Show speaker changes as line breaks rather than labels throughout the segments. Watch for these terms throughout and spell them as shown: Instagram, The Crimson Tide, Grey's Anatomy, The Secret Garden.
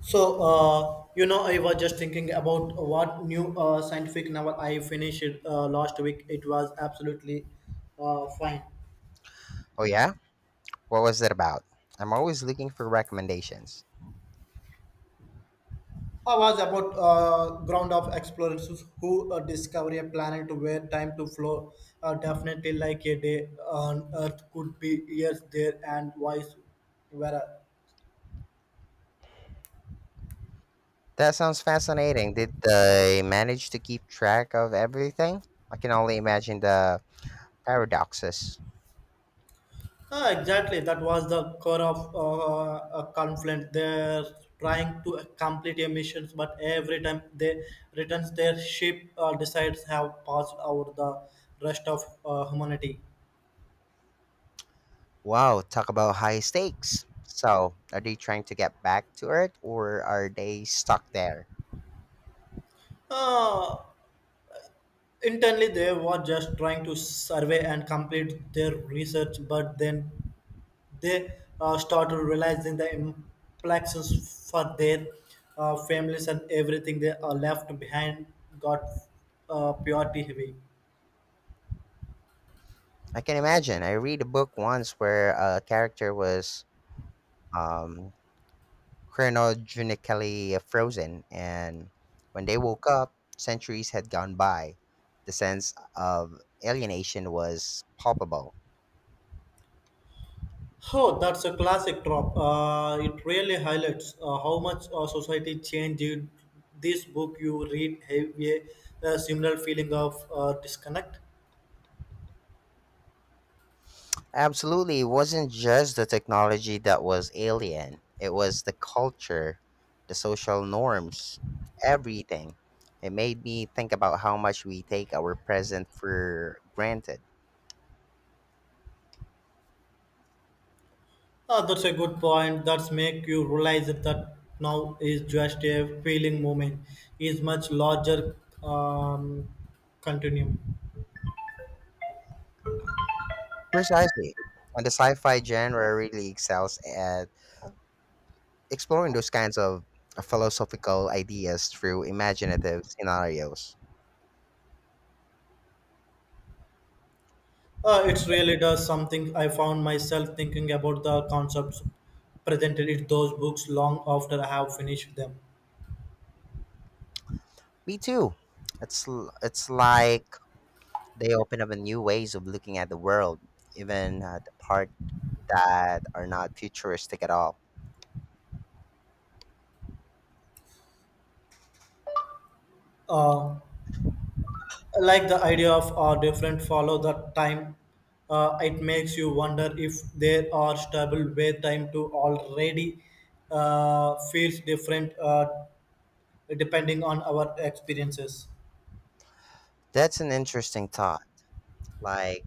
I was just thinking about what new scientific novel I finished last week. It was absolutely fine.
Oh, yeah? What was it about? I'm always looking for recommendations.
I was about ground of explorers who discover a planet where time to flow definitely like a day on Earth could be years there and vice versa.
That sounds fascinating. Did they manage to keep track of everything? I can only imagine the paradoxes.
Ah, exactly, that was the core of a conflict. They're trying to complete emissions, but every time they returns their ship, decides have passed out the rest of humanity.
Wow, talk about high stakes. So, are they trying to get back to Earth or are they stuck there?
Uh, Internally, they were just trying to survey and complete their research, but then they started realizing the implications for their families and everything they are left behind got purity heavy.
I can imagine. I read a book once where a character was um, chronogenically frozen, and when they woke up, centuries had gone by. The sense of alienation was palpable.
Oh, that's a classic drop. It really highlights how much society changed. This book you read have a similar feeling of disconnect.
Absolutely, it wasn't just the technology that was alien, it was the culture, the social norms, everything. It made me think about how much we take our present for granted.
That's a good point. That's make you realize that now is just a feeling moment. Is much larger um, continuum.
Precisely. And the sci fi genre really excels at exploring those kinds of philosophical ideas through imaginative scenarios.
It really does something. I found myself thinking about the concepts presented in those books long after I have finished them.
Me too. It's like they open up a new ways of looking at the world, even the part that are not futuristic at all.
Uh, like the idea of are different follow the time, it makes you wonder if there are stable way time to already feels different depending on our experiences.
That's an interesting thought. Like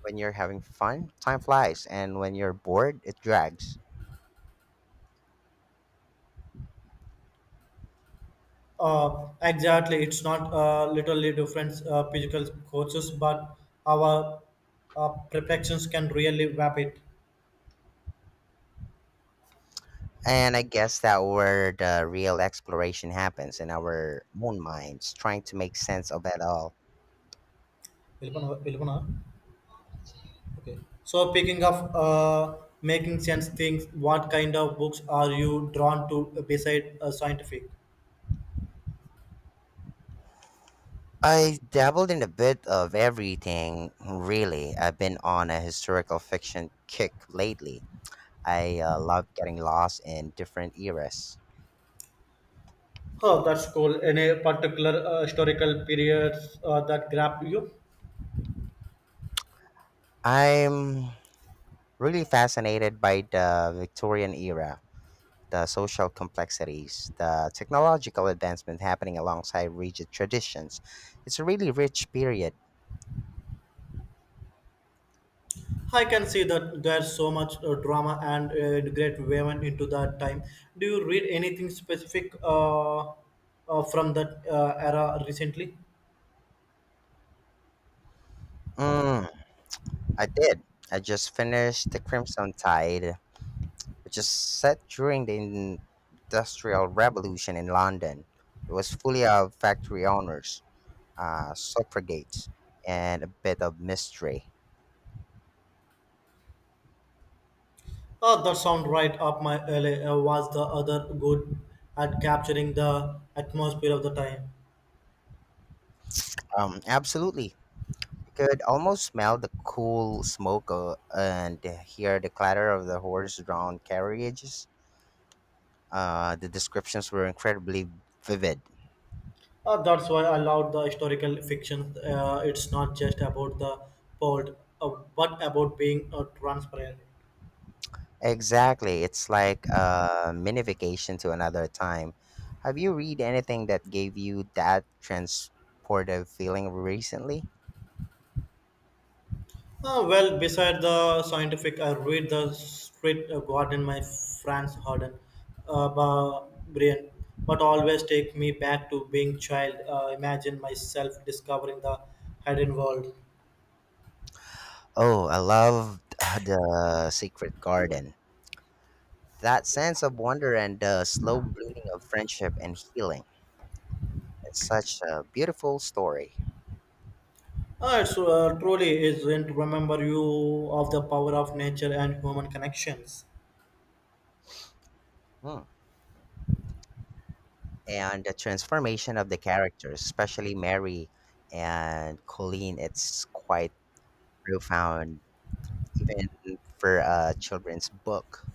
when you're having fun, time flies, and when you're bored, it drags.
Exactly, it's not literally different physical courses but our perfections can really wrap it.
And I guess that where the real exploration happens in our own minds, trying to make sense of it all.
వెళ్ళిపోనా- వెళ్ళిపోనా? Okay. So picking up, making sense things, what kind of books are you drawn to beside scientific?
I dabbled in a bit of everything, really. I've been on a historical fiction kick lately. I love getting lost in different eras.
Oh, that's cool. Any particular historical periods that grab you?
I'm really fascinated by the Victorian era, the social complexities, the technological advancement happening alongside rigid traditions. It's a really rich period.
I can see that there's so much drama and great women into that time. Do you read anything specific from that era recently?
Mm, I did. I just finished The Crimson Tide, which is set during the Industrial Revolution in London. It was fully of factory owners, suffragettes, and a bit of mystery.
Oh, that sound right up my alley. Was the other good at capturing the atmosphere of the time?
Absolutely. You could almost smell the cool smoke and hear the clatter of the horse drawn carriages. The descriptions were incredibly vivid.
That's why I love the historical fiction. It's not just about the port, uh, but about being transparent.
Exactly. It's like a mini vacation to another time. Have you read anything that gave you that transportive feeling recently?
Well, beside the scientific, I read the street garden by Franz Harden, by Brian, but always take me back to being child. Imagine myself discovering the hidden world.
Oh, I loved The Secret Garden. That sense of wonder and the slow blooming of friendship and healing. It's such a beautiful story.
It's truly isn't remember you of the power of nature and human connections.
Hmm. And the transformation of the characters, especially Mary and Colleen, it's quite profound, even for a children's book.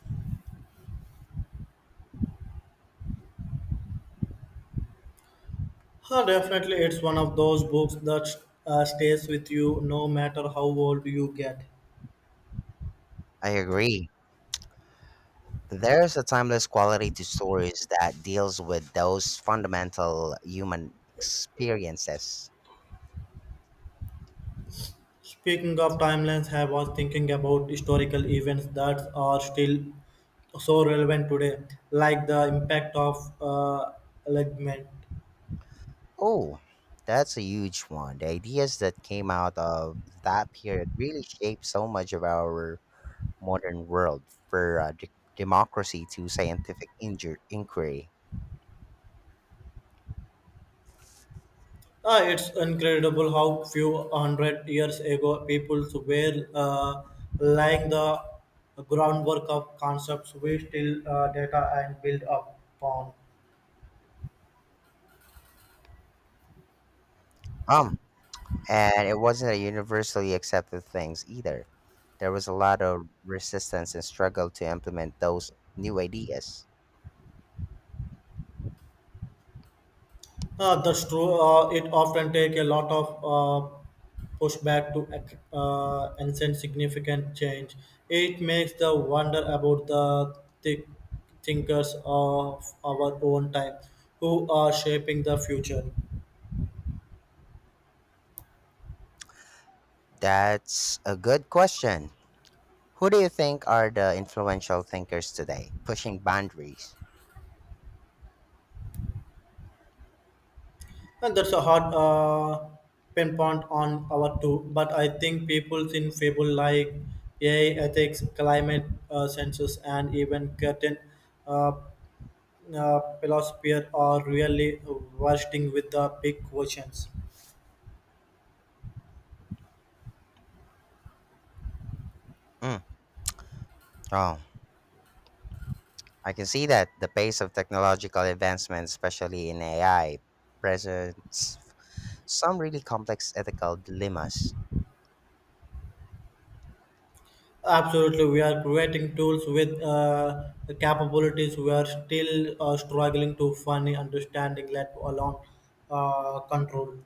Huh, definitely, it's one of those books that stays with you no matter how old you get.
I agree. There's a timeless quality to stories that deals with those fundamental human experiences.
Speaking of timelines, I was thinking about historical events that are still so relevant today, like the impact of alignment.
Oh, that's a huge one. The ideas that came out of that period really shaped so much of our modern world, for democracy to scientific inquiry.
Ah, it's incredible how few hundred years ago people were laying the groundwork of concepts we still data and build upon.
Um, and it wasn't a universally accepted things either. There was a lot of resistance and struggle to implement those new ideas.
That's true. It often take a lot of pushback to enact significant change. It makes the wonder about the thi- thinkers of our own time who are shaping the future.
That's a good question. Who do you think are the influential thinkers today, pushing boundaries?
And that's a hard pinpoint on our two. But I think people in fable like AI ethics, climate census, and even curtain uh, philosophers are really bursting with the big questions.
Mm. Oh, I can see that the pace of technological advancement, especially in AI, presents some really complex ethical dilemmas,
Absolutely, we are creating tools with capabilities we are still struggling to find understanding, let alone control.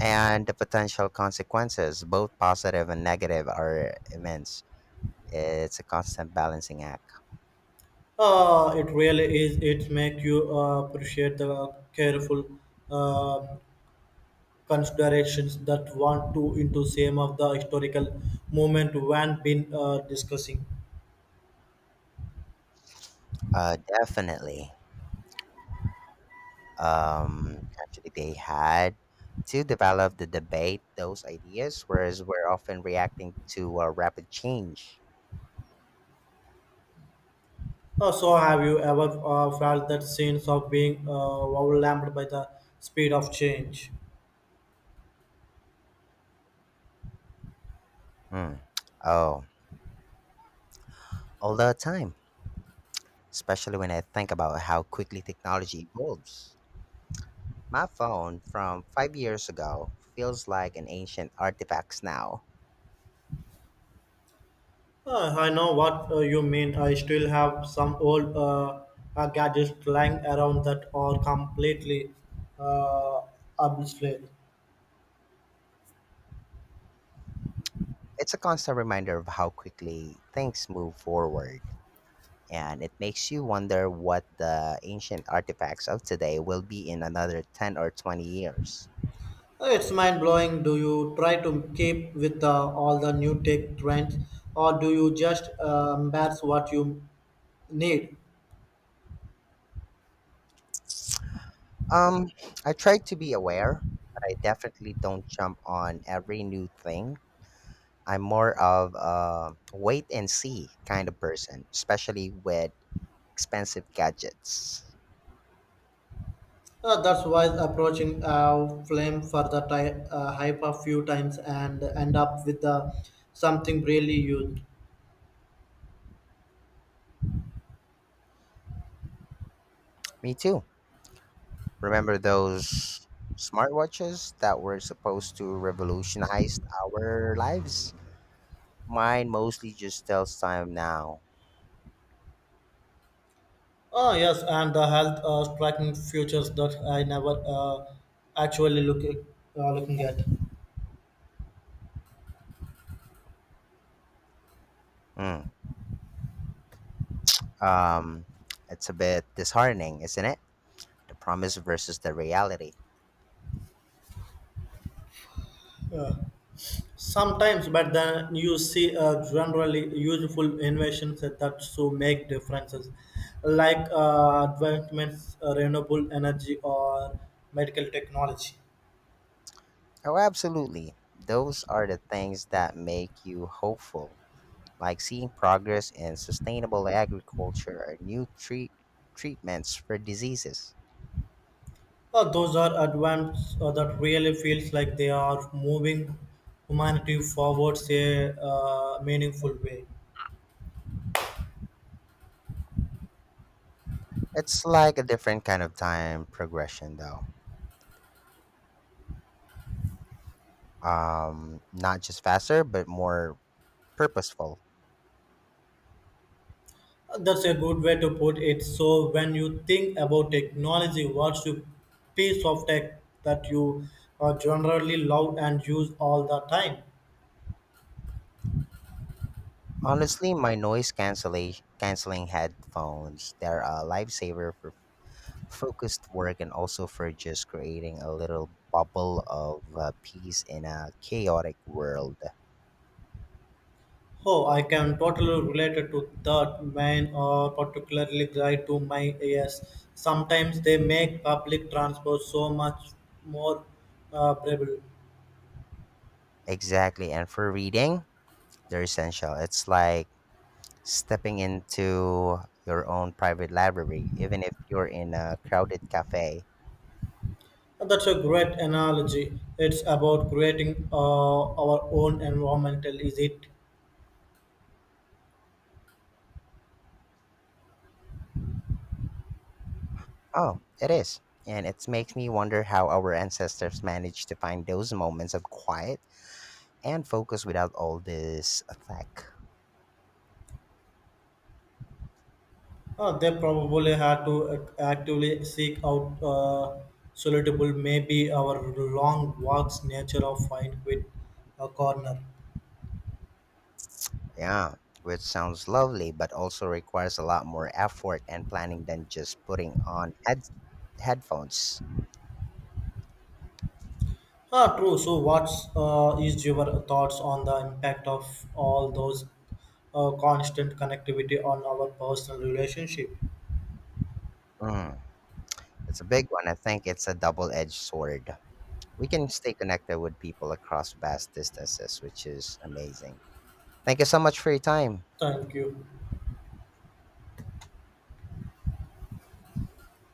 and the potential consequences, both positive and negative, are immense. It's a constant balancing act.
It really is. It make you appreciate the careful uh, considerations that want to into same of the historical moment when been discussing.
Definitely. Um, actually they had to develop the debate those ideas, whereas we're often reacting to rapid change.
Oh, so have you ever felt that sense of being overwhelmed by the speed of change?
Hmm. Oh, all the time, especially when I think about how quickly technology evolves. My phone from 5 years ago feels like an ancient artifact now.
I know what you mean. I still have some old gadgets lying around that are completely uh, obsolete.
It's a constant reminder of how quickly things move forward. And it makes you wonder what the ancient artifacts of today will be in another 10 or 20 years.
It's mind blowing. Do you try to keep with all the new tech trends, or do you just embrace what you need?
Um, I try to be aware, but I definitely don't jump on every new thing. I'm more of a wait and see kind of person, especially with expensive gadgets.
That's why approaching flame for the hype a few times and end up with something really huge.
Me too. Remember those smartwatches that were supposed to revolutionize our lives? Mine mostly just tells time now.
Oh yes, and the health striking futures that I never actually look looking at.
Mm. Um, it's a bit disheartening, isn't it? The promise versus the reality.
Yeah. Sometimes, but then you see generally useful innovations that so make differences, like advancements, renewable energy, or medical technology.
Oh, absolutely. Those are the things that make you hopeful, like seeing progress in sustainable agriculture or new treatments for diseases.
Those are advances that really feels like they are moving humanity forwards a meaningful way.
It's like a different kind of time progression, though. Not just faster, but more purposeful.
That's a good way to put it. So when you think about technology, what's the piece of tech that you generally love and use all the time?
Honestly, my noise cancellation canceling headphones, they're a lifesaver for focused work and also for just creating a little bubble of peace in a chaotic world.
Oh, I can totally relate to that. Mine are particularly tied to my ears. Sometimes they make public transport so much more bearable.
Exactly. And for reading, they're essential. It's like stepping into your own private library, even if you're in a crowded cafe.
That's a great analogy. It's about creating our own environmental, is it?
Oh, it is. And it makes me wonder how our ancestors managed to find those moments of quiet and focus without all this tech.
They probably had to actively seek out suitable, maybe our long walks, nature of find with a corner.
Yeah, which sounds lovely, but also requires a lot more effort and planning than just putting on headphones.
Ah, true. So, what's is your thoughts on the impact of all those constant connectivity on our personal relationship?
Mm, it's a big one. I think it's a double edged sword. We can stay connected with people across vast distances, which is amazing. Thank you so much for your time.
Thank you.